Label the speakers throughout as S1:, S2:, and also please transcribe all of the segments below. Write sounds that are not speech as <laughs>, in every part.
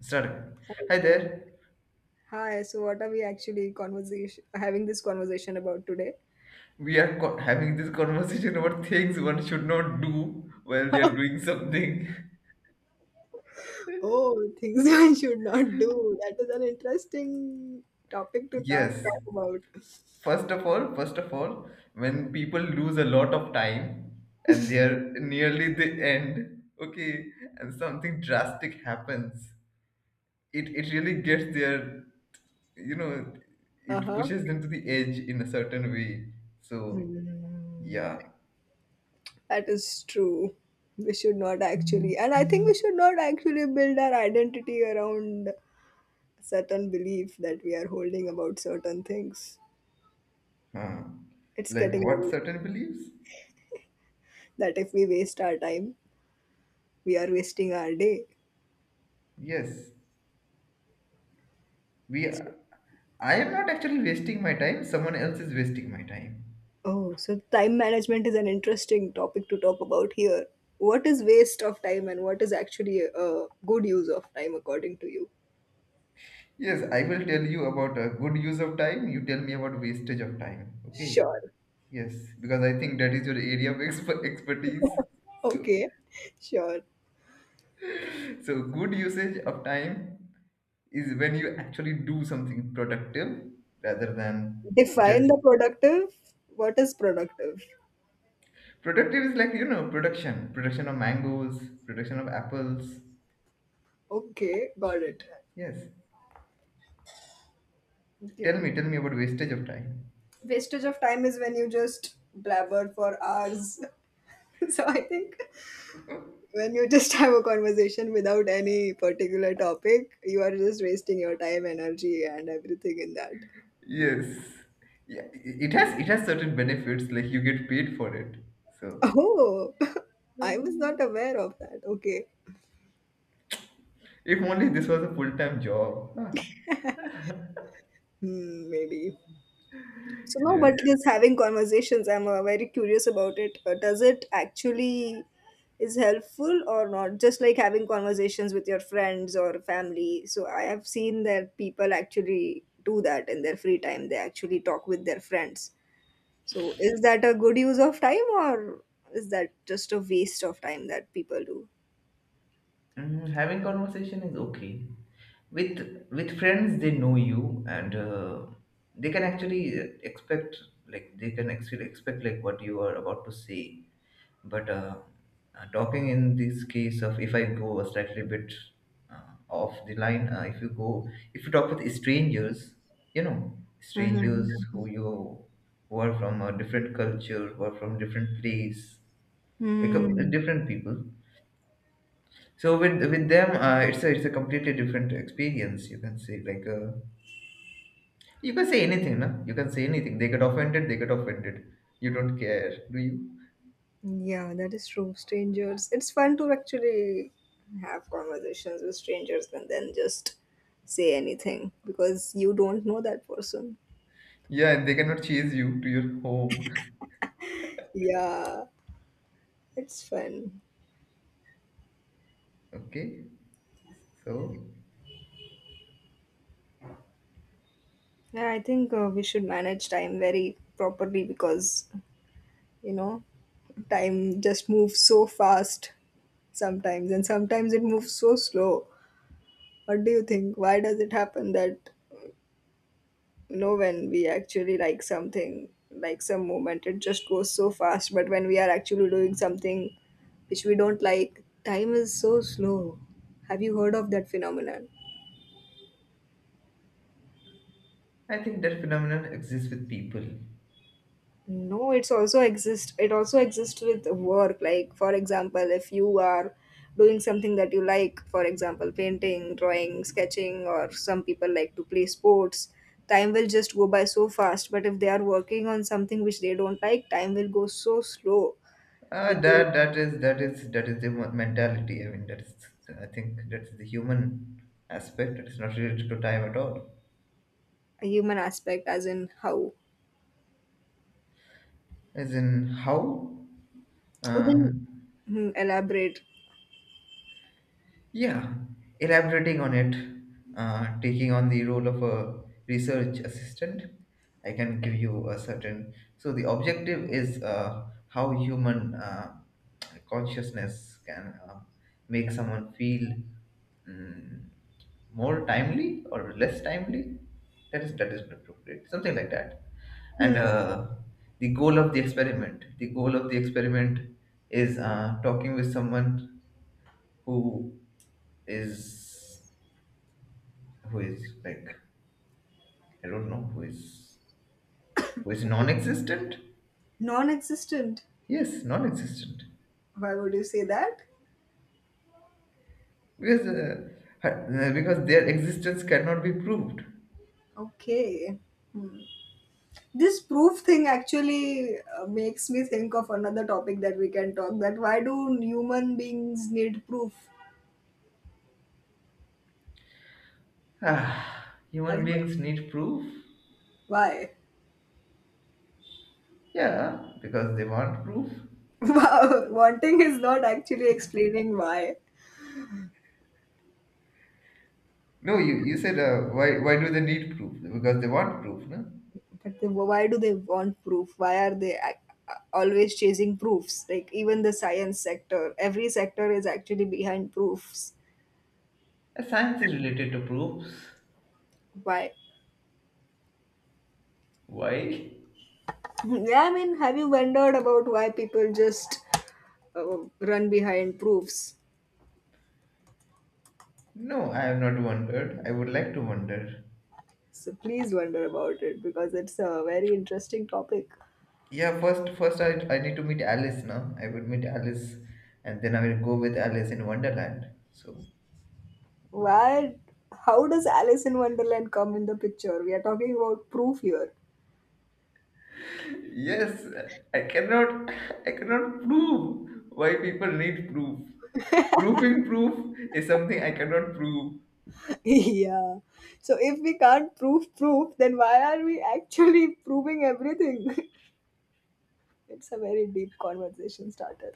S1: Started. Hi there.
S2: Hi, so what are we actually conversation having this conversation about today?
S1: Having this conversation about things one should not do while they are doing something. <laughs>
S2: Oh, things <laughs> one should not do. That is an interesting topic to talk,
S1: Yes.
S2: talk about.
S1: First of all, when people lose a lot of time and they are nearly the end, okay, and something drastic happens, it really gets their, you know, it
S2: Uh-huh.
S1: pushes them to the edge in a certain way. So yeah,
S2: That is true. We should not actually, and I think we should not actually build our identity around certain belief that we are holding about certain things.
S1: huh.
S2: It's
S1: Like
S2: getting
S1: what
S2: ready
S1: certain beliefs?
S2: that if we waste our time, we are wasting our day.
S1: Yes, we I am not actually wasting my time, someone else is wasting my time.
S2: Oh, so time management is an interesting topic to talk about here. What is waste of time and what is actually a good use of time according to you?
S1: Yes, I will tell you about a good use of time, you tell me about wastage of time. Okay?
S2: Sure.
S1: Yes, because I think that is your <laughs> expertise. So,
S2: Okay. Sure.
S1: so good usage of time is when you actually do something productive rather than
S2: Define
S1: just
S2: the productive. What is productive?
S1: productive is like production production of mangoes production of apples
S2: Okay, got it.
S1: yes
S2: Okay.
S1: tell me about wastage of time.
S2: Wastage of time is when you just blabber for hours. <laughs> So I think when you just have a conversation without any particular topic, you are just wasting your time, energy, and everything in that.
S1: Yes. Yeah, it has certain benefits, like you get paid for it. So
S2: Oh, <laughs> I was not aware of that. Okay.
S1: if only this was a full-time job. Huh.
S2: Hmm, maybe. So no,
S1: Yes.
S2: but just having conversations, I'm very curious about it. Does it actually is helpful or not? Just like having conversations with your friends or family. So I have seen that people actually do that in their free time. They actually talk with their friends. So is that a good use of time or is that just a waste of time that people do?
S1: Mm, having conversation is okay. With friends, they know you and they can actually expect, like they can actually expect like what you are about to say. But Talking in this case of if I go a slightly bit uh, off the line, if you talk with strangers, you know, strangers
S2: Mm-hmm.
S1: who are from a different culture, who are from different place, like uh, different people. So with them, it's a completely different experience. You can say you can say anything, no? You can say anything. They get offended. You don't care, do you?
S2: Yeah, that is true. Strangers. It's fun to actually have conversations with strangers and then just say anything because you don't know that person.
S1: Yeah, and they cannot chase you to your home. <laughs>
S2: Yeah, it's fun.
S1: Okay. So
S2: Yeah, I think we should manage time very properly because, you know, time just moves so fast sometimes and sometimes it moves so slow. What do you think? Why does it happen that know when we actually like something, like some moment it just goes so fast, but when we are actually doing something which we don't like, time is so slow? Have you heard of that phenomenon?
S1: I think that phenomenon exists with people.
S2: No, it also exists with work, like for example if you are doing something that you like, for example painting, drawing, sketching, or some people like to play sports, time will just go by so fast, but if they are working on something which they don't like, time will go so slow that they...
S1: That is the mentality. I think that's the human aspect. It's not related to time at all.
S2: A human aspect, as in how?
S1: As in how, uh,
S2: Then, elaborate.
S1: yeah, elaborating on it, taking on the role of a research assistant. I can give you a certain. So the objective is how human consciousness can make someone feel mm, more timely or less timely, that is not appropriate, something like that. and
S2: Hmm.
S1: uh, the goal of the experiment the goal of the experiment is talking with someone who is, who is like, I don't know, who is non-existent.
S2: Non-existent?
S1: Yes, non-existent.
S2: Why would you say that?
S1: Because uh, uh, because their existence cannot be proved.
S2: Okay, this proof thing actually makes me think of another topic that we can talk, that why do human beings need proof?
S1: Ah,
S2: Have
S1: human
S2: you-
S1: beings need proof.
S2: why?
S1: Yeah, because they want proof.
S2: <laughs> Wow, wanting is not actually explaining why.
S1: No, you said, why do they need proof? Because they want proof, no?
S2: But they, why do they want proof? Why are they always chasing proofs? Like even the science sector, every sector is actually behind proofs.
S1: Science is related to proofs.
S2: Why? <laughs>
S1: Why?
S2: Yeah, I mean, have you wondered about why people just run behind proofs?
S1: No, I have not wondered. I would like to wonder.
S2: So please wonder about it because it's a very interesting topic.
S1: Yeah, first I need to meet Alice now. I would meet Alice, and then I will go with Alice in Wonderland. So
S2: Why? How does Alice in Wonderland come in the picture? We are talking about proof here.
S1: yes, I cannot I cannot prove why people need proof. Proofing proof is something I cannot prove.
S2: <laughs> Yeah. So if we can't prove proof, then why are we actually proving everything? <laughs> It's a very deep conversation starter.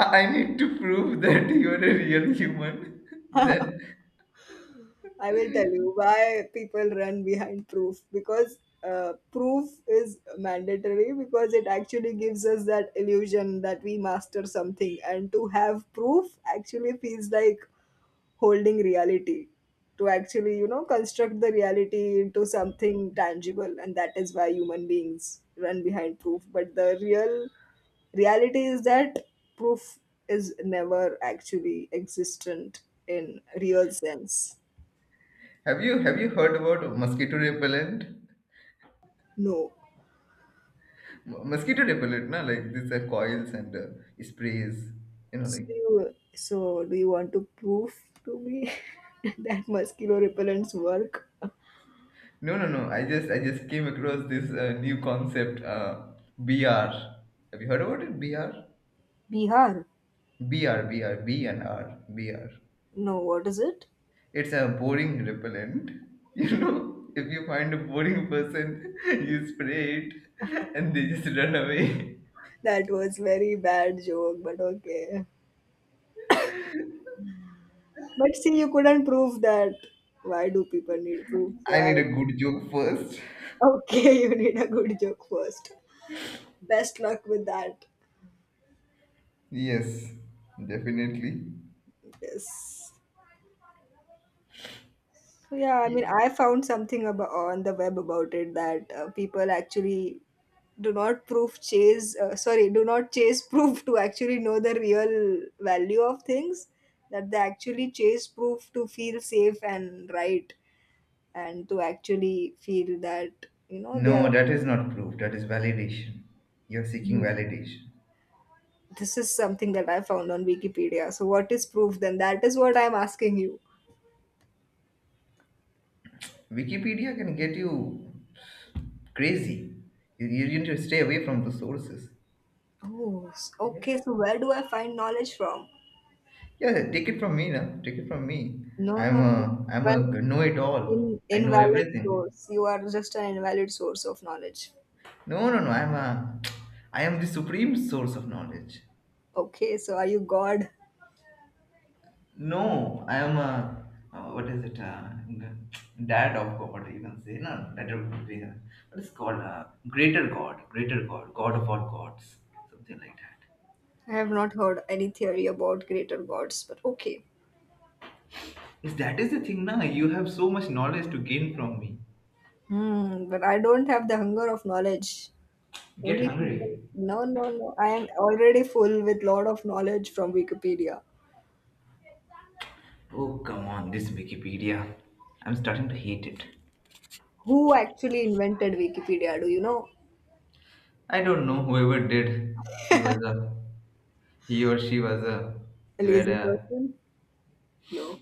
S1: I need to prove that <laughs> you are a real human. <laughs> Then
S2: I will tell you why people run behind proof, because proof is mandatory, because it actually gives us that illusion that we master something, and to have proof actually feels like holding reality, to actually construct the reality into something tangible, and that is why human beings run behind proof, but the real reality is that proof is never actually existent in real sense.
S1: have you heard about mosquito repellent?
S2: No,
S1: Mosquito repellent, na, like these are coils and sprays. You know,
S2: so
S1: like
S2: do you, so do you want to prove to me <laughs> that mosquito repellents work?
S1: no, no, no. I just came across this new concept, BR. Have you heard about it? BR,
S2: Bihar?
S1: BR, BR, BRBR and R, BR.
S2: No, what is it?
S1: It's a boring repellent. <laughs> You know, if you find a boring person, <laughs> you spray it, and they just run away. <laughs>
S2: That was very bad joke, but okay. But see, you couldn't prove that. Why do people need proof? So
S1: I
S2: I...
S1: need a good joke first.
S2: okay, <laughs> you need a good joke first. Best luck with that.
S1: Yes, definitely.
S2: Yes. So yeah, I mean, I found something about on the web about it that people actually do not proof chase. Sorry, do not chase <laughs> proof to actually know the real value of things. That they actually chase proof to feel safe and right, and to actually feel that you know they
S1: No,
S2: are...
S1: that is not proof. That is validation. You're seeking validation.
S2: This is something that I found on Wikipedia. So, what is proof then? That is what I'm asking you.
S1: Wikipedia can get you crazy. You need to stay away from the sources.
S2: Oh,
S1: Yes.
S2: okay. So, where do I find knowledge from?
S1: Yeah, take it from me now. Take it from me.
S2: No,
S1: I'm
S2: no, no.
S1: a I'm a
S2: One in,
S1: know-it-all. I know
S2: invalid
S1: everything.
S2: source. You are just an invalid source of knowledge.
S1: No, no, no. I am the supreme source of knowledge.
S2: Okay, so are you God?
S1: No, I am a, what is it? <tsk> Dad of God, you can say. No, that would be what is called greater God, God of all gods, something like that.
S2: I have not heard any theory about greater gods, but okay.
S1: Yes, that is the thing. Now you have so much knowledge to gain from me.
S2: Hmm, but I don't have the hunger of knowledge.
S1: Get
S2: Only people.
S1: hungry.
S2: No, no, no. I am already full with lot of knowledge from Wikipedia.
S1: Oh come on, this Wikipedia. I'm starting to hate it.
S2: Who actually invented Wikipedia? Do you know
S1: I don't know whoever did. He was a, he or she was a,
S2: a
S1: they were
S2: lazy
S1: a,
S2: person? No.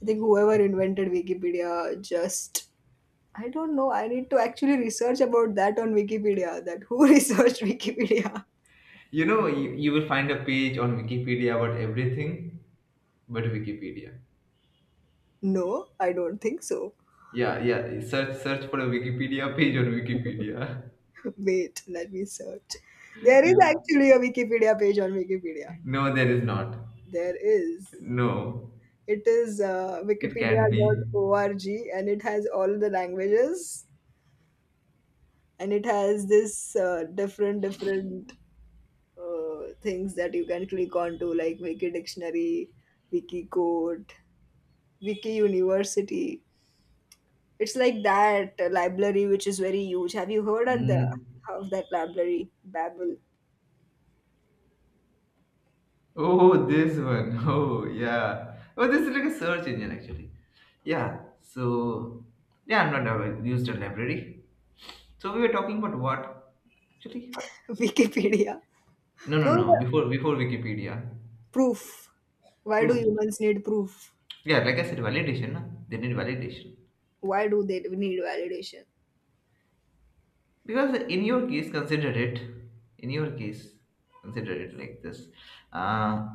S2: I think whoever invented Wikipedia just, I don't know. I need to actually research about that on Wikipedia. That who <laughs> researched Wikipedia?
S1: you know, you will find a page on Wikipedia about everything. But Wikipedia.
S2: No, I don't think so.
S1: Yeah, yeah. Search for a Wikipedia page on Wikipedia. <laughs>
S2: <laughs> Wait, let me search. There is
S1: You
S2: actually a Wikipedia page on Wikipedia.
S1: no, there is not.
S2: There is.
S1: No,
S2: It is
S1: it
S2: Wikipedia
S1: can't
S2: dot
S1: be.
S2: org, and it has all the languages, and it has this different things that you can click on, to like wiki dictionary, wiki code, wiki university. It's like that library which is very huge. Have you heard
S1: Mm.
S2: of that library Babel?
S1: Oh, this one. <laughs> Oh, yeah. Oh, this is like a search engine actually. Yeah. So yeah, I'm not aware- used a library. So we were talking about what actually?
S2: <laughs> Wikipedia.
S1: No, no,
S2: No,
S1: no.
S2: the
S1: Before Wikipedia,
S2: proof. Why do
S1: proof.
S2: humans need proof?
S1: Yeah, like I said, validation. Na? They need validation.
S2: Why do they need validation?
S1: Because in your case consider it, in your case consider it like this, uh,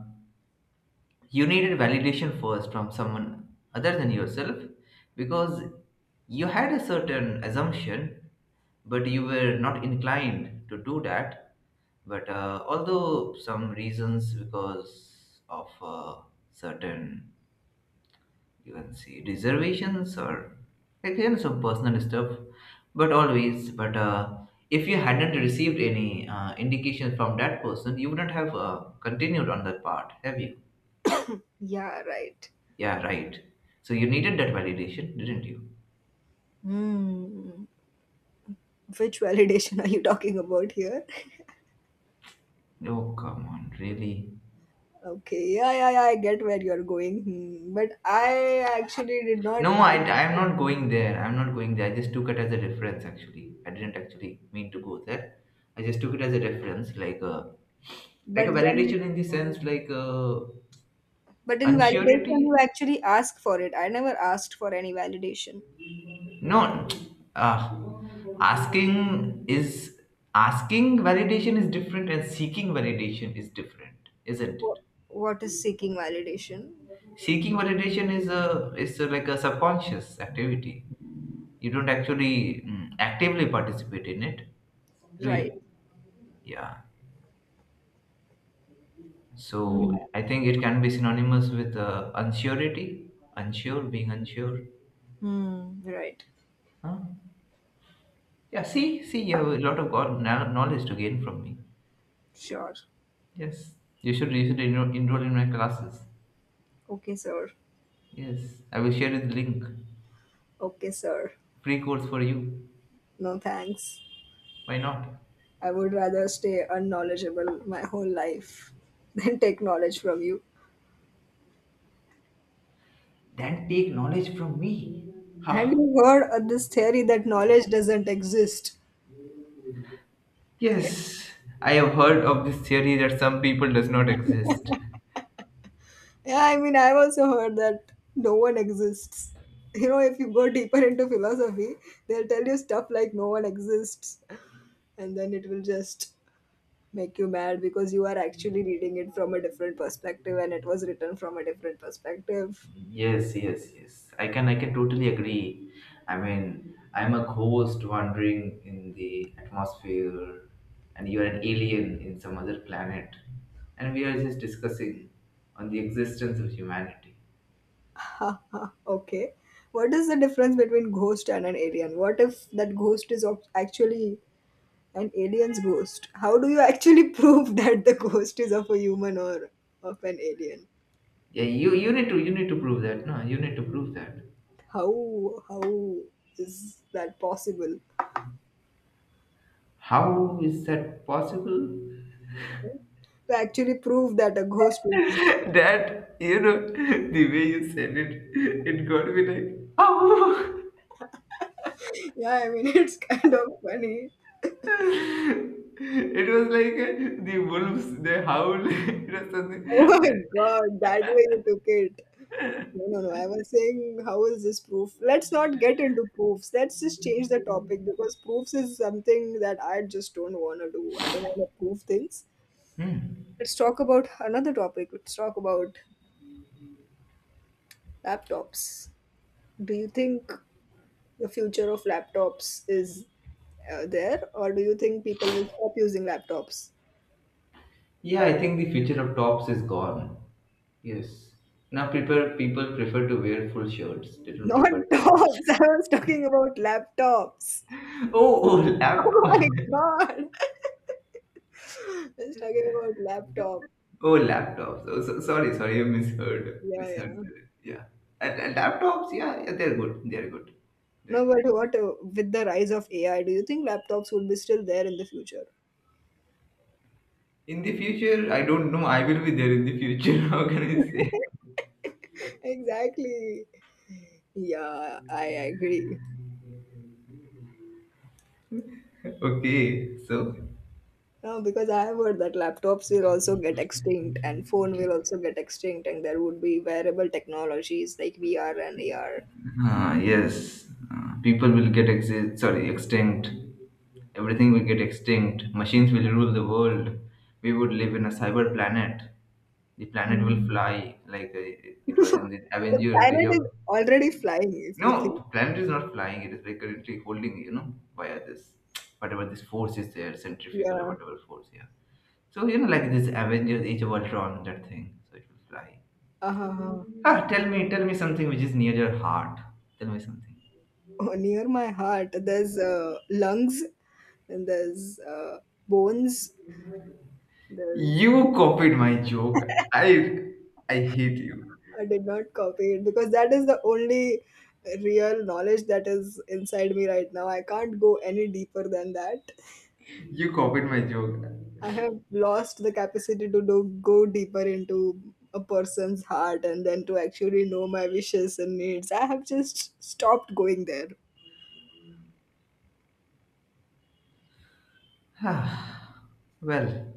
S1: you needed validation first from someone other than yourself, because you had a certain assumption but you were not inclined to do that. But although some reasons because of certain, you can see, reservations, or some personal stuff. But if you hadn't received any indication from that person, you wouldn't have continued on that part, have you?
S2: Yeah, right.
S1: Yeah right. So you needed that validation, didn't you?
S2: Hmm, which validation <laughs> are you talking about here?
S1: Oh come on, really.
S2: Okay, yeah, yeah, yeah, I get where you're going. Hmm. But I actually did not.
S1: No, I'm not going there, I'm not going there. I just took it as a reference, actually. I didn't actually mean to go there. I just took it as a reference, like a, like
S2: But
S1: a
S2: then,
S1: validation in the sense like
S2: but in
S1: unsurety.
S2: validation, you actually ask for it. I never asked for any validation.
S1: No, uh, asking is, asking validation is different and seeking validation is different, isn't it?
S2: Wh- What is seeking validation?
S1: Seeking validation is a like a subconscious activity. You don't actually actively participate in it, do
S2: Right.
S1: you? Yeah. So I think it can be synonymous with unsurety, unsure, being unsure.
S2: Hmm. Right.
S1: Huh? Yeah. See, see, you have a lot of knowledge to gain from me.
S2: Sure.
S1: Yes, you should enroll, enroll in my classes.
S2: Okay, sir.
S1: Yes, I will share you the link.
S2: Okay, sir.
S1: Free course for you.
S2: No thanks.
S1: Why not?
S2: I would rather stay unknowledgeable my whole life <laughs> than take knowledge from you.
S1: Then take knowledge from me.
S2: Have
S1: Ha.
S2: you heard of this theory that knowledge doesn't exist?
S1: Yes, I have heard of this theory that some people does not exist.
S2: Yeah, I mean, I've also heard that no one exists. If you go deeper into philosophy, they'll tell you stuff like no one exists, and then it will just make you mad because you are actually reading it from a different perspective and it was written from a different perspective.
S1: Yes, yes, yes. I can totally agree. I mean, I'm a ghost wandering in the atmosphere, and you are an alien in some other planet, and we are just discussing on the existence of humanity.
S2: <laughs> Okay. What is the difference between ghost and an alien? What if that ghost is actually an alien's ghost? How do you actually <laughs> prove that the ghost is of a human or of an alien?
S1: Yeah, you need to, you need to prove that. No, you need to prove that.
S2: How is that possible?
S1: How is that possible?
S2: To actually prove that a ghost is...
S1: <laughs> That you know <laughs> the way you said it, it got me like oh.
S2: Yeah, I mean, <laughs> it's kind of funny.
S1: <laughs> It was like the wolves they howl. <laughs> It was something.
S2: Oh my god, that way you took it. No, no, no. I was saying, how is this proof? Let's not get into proofs. Let's just change the topic because proofs is something that I just don't want to do. I don't want to prove things.
S1: Hmm.
S2: Let's talk about another topic. Let's talk about laptops. Do you think the future of laptops is there, or do you think people will stop using laptops?
S1: Yeah, I think the future of tops is gone. Yes. Now people prefer to wear full shirts. They don't
S2: Not
S1: prefer
S2: <laughs>
S1: tops.
S2: tops. I was talking about laptops. <laughs>
S1: <laughs> Oh, oh laptop.
S2: Oh my
S1: <laughs>
S2: god. <laughs> I was talking about laptop.
S1: Oh, laptops. Oh, so, sorry, sorry, I misheard.
S2: Yeah,
S1: Misheard.
S2: yeah.
S1: Yeah. And laptops, yeah, yeah, they're good. They're good.
S2: No,
S1: They're good.
S2: but what with the rise of AI, do you think laptops would be still there in the future?
S1: In the future, I don't know. I will be there in the future. <laughs> How can I say?
S2: <laughs> Exactly. Yeah, I agree.
S1: Okay, so.
S2: No, because I have heard that laptops will also get extinct and phone will also get extinct and there would be wearable technologies like VR and AR.
S1: Ah yes, people will sorry, extinct. Everything will get extinct. Machines will rule the world. We would live in a cyber planet. The planet will
S2: Mm.
S1: fly like it was in
S2: <laughs>
S1: the
S2: The
S1: Avengers. Age
S2: planet
S1: of
S2: is already flying, if you
S1: no,
S2: think.
S1: the planet is not flying. It is like currently holding, you know, via this whatever this force is there, centrifugal or
S2: Yeah.
S1: whatever force. Yeah. So you know, like this Avengers Age of Ultron, that thing. So it will fly.
S2: Uh-huh.
S1: Ah, tell me something which is near your heart. Tell me something.
S2: Oh, near my heart, there's lungs and there's bones. There's...
S1: You copied my joke. I, I hate you.
S2: I did not copy it because that is the only real knowledge that is inside me right now. I can't go any deeper than that.
S1: You copied my joke.
S2: I have lost the capacity to go deeper into a person's heart and then to actually know my wishes and needs. I have just stopped going there.
S1: Ah, well.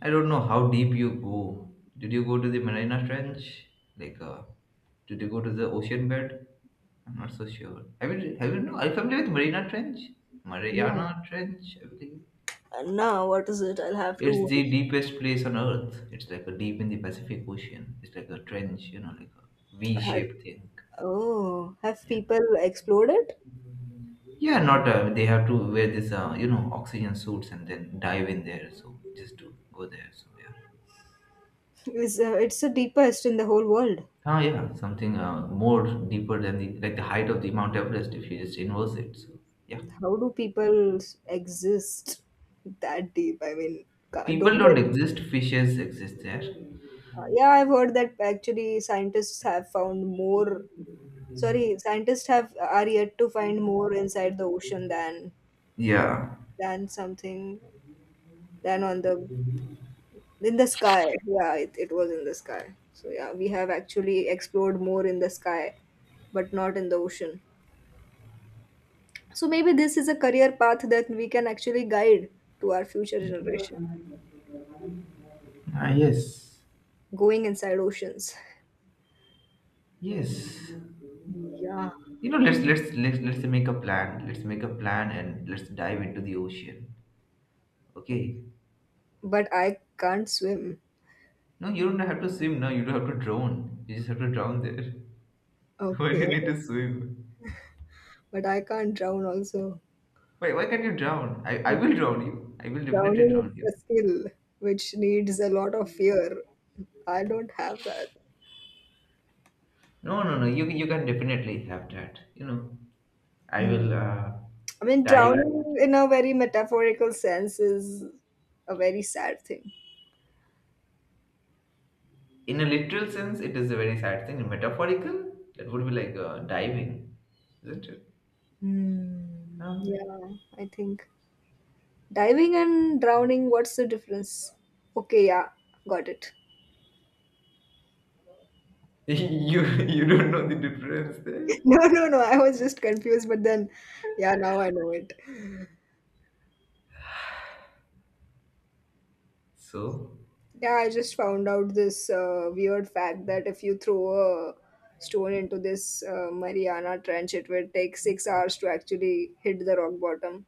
S1: I don't know how deep you go. Did you go to the Marina Trench? Like, did you go to the ocean bed? I'm not so sure. Have you know? Are you familiar with Marina Trench?
S2: No.
S1: Mariana Trench, I believe.
S2: And now what is it? I'll have to
S1: It's the deepest place on earth. It's like a deep in the Pacific Ocean. It's like a trench, you know, like a
S2: have
S1: V-shaped thing.
S2: oh, have
S1: Yeah.
S2: people explored it?
S1: Yeah, not they have to wear this, you know, oxygen suits and then dive in there. So just to go there. So yeah.
S2: It's the deepest in the whole world.
S1: Ah, yeah, something more deeper than the like the height of the Mount Everest if you just inverse it. So yeah,
S2: How do people exist that deep? I mean,
S1: people
S2: don't they?
S1: don't exist; fishes exist there.
S2: Yeah, I've heard that actually scientists have found more. Sorry, scientists have are yet to find more inside the ocean, than
S1: Yeah.
S2: than something, than on the in the sky. Yeah, it was in the sky, so yeah we have actually explored more in the sky but not in the ocean, so maybe this is a career path that we can actually guide to our future generation,
S1: Ah, yes.
S2: going inside oceans.
S1: Yes.
S2: Yeah.
S1: You know, let's make a plan. Let's make a plan and let's dive into the ocean. Okay.
S2: But I can't swim.
S1: No, you don't have to swim. No, you don't have to drown. You just have to drown there. <laughs> Why do you
S2: Okay,
S1: need to swim?
S2: but I can't drown also.
S1: Why can't you drown? I will
S2: Because
S1: drown you. I will definitely
S2: drowning
S1: drown you.
S2: is a skill which needs a lot of fear, I don't have that.
S1: No, no, no. You can definitely have that. You know, I
S2: Hmm.
S1: will
S2: I mean,
S1: dive
S2: drowning in a very metaphorical sense is a very sad thing.
S1: in a literal sense. It is a very sad thing. In metaphorical, that would be like diving, isn't it?
S2: Hmm.
S1: Huh?
S2: Yeah, I think, diving and drowning. What's the difference? Okay, yeah, got it.
S1: <laughs> You don't know the difference there.
S2: <laughs> No, no, no. I was just confused, but then, yeah, now I know it.
S1: So
S2: Yeah, I just found out this weird fact that if you throw a stone into this Mariana Trench, it will take 6 hours to actually hit the rock bottom.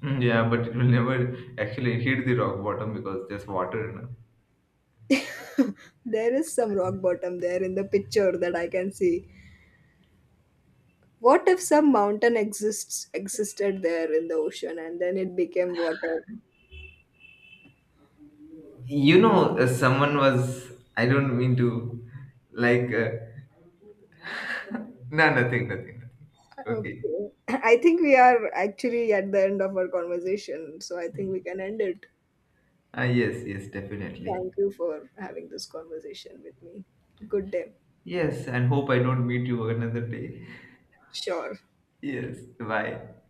S1: mm, yeah, but it will never actually hit the rock bottom because there's water. You know,
S2: There is some rock bottom there in the picture that I can see. What if some mountain exists existed there in the ocean and then it became water?
S1: you know, someone was. I don't mean to like. No, nothing, nothing, nothing. Okay.
S2: Okay. I think we are actually at the end of our conversation, so I think we can end it.
S1: Ah, yes, yes, definitely.
S2: Thank you for having this conversation with me. Good day.
S1: Yes, and hope I don't meet you another day. <laughs>
S2: Sure.
S1: Yes, bye.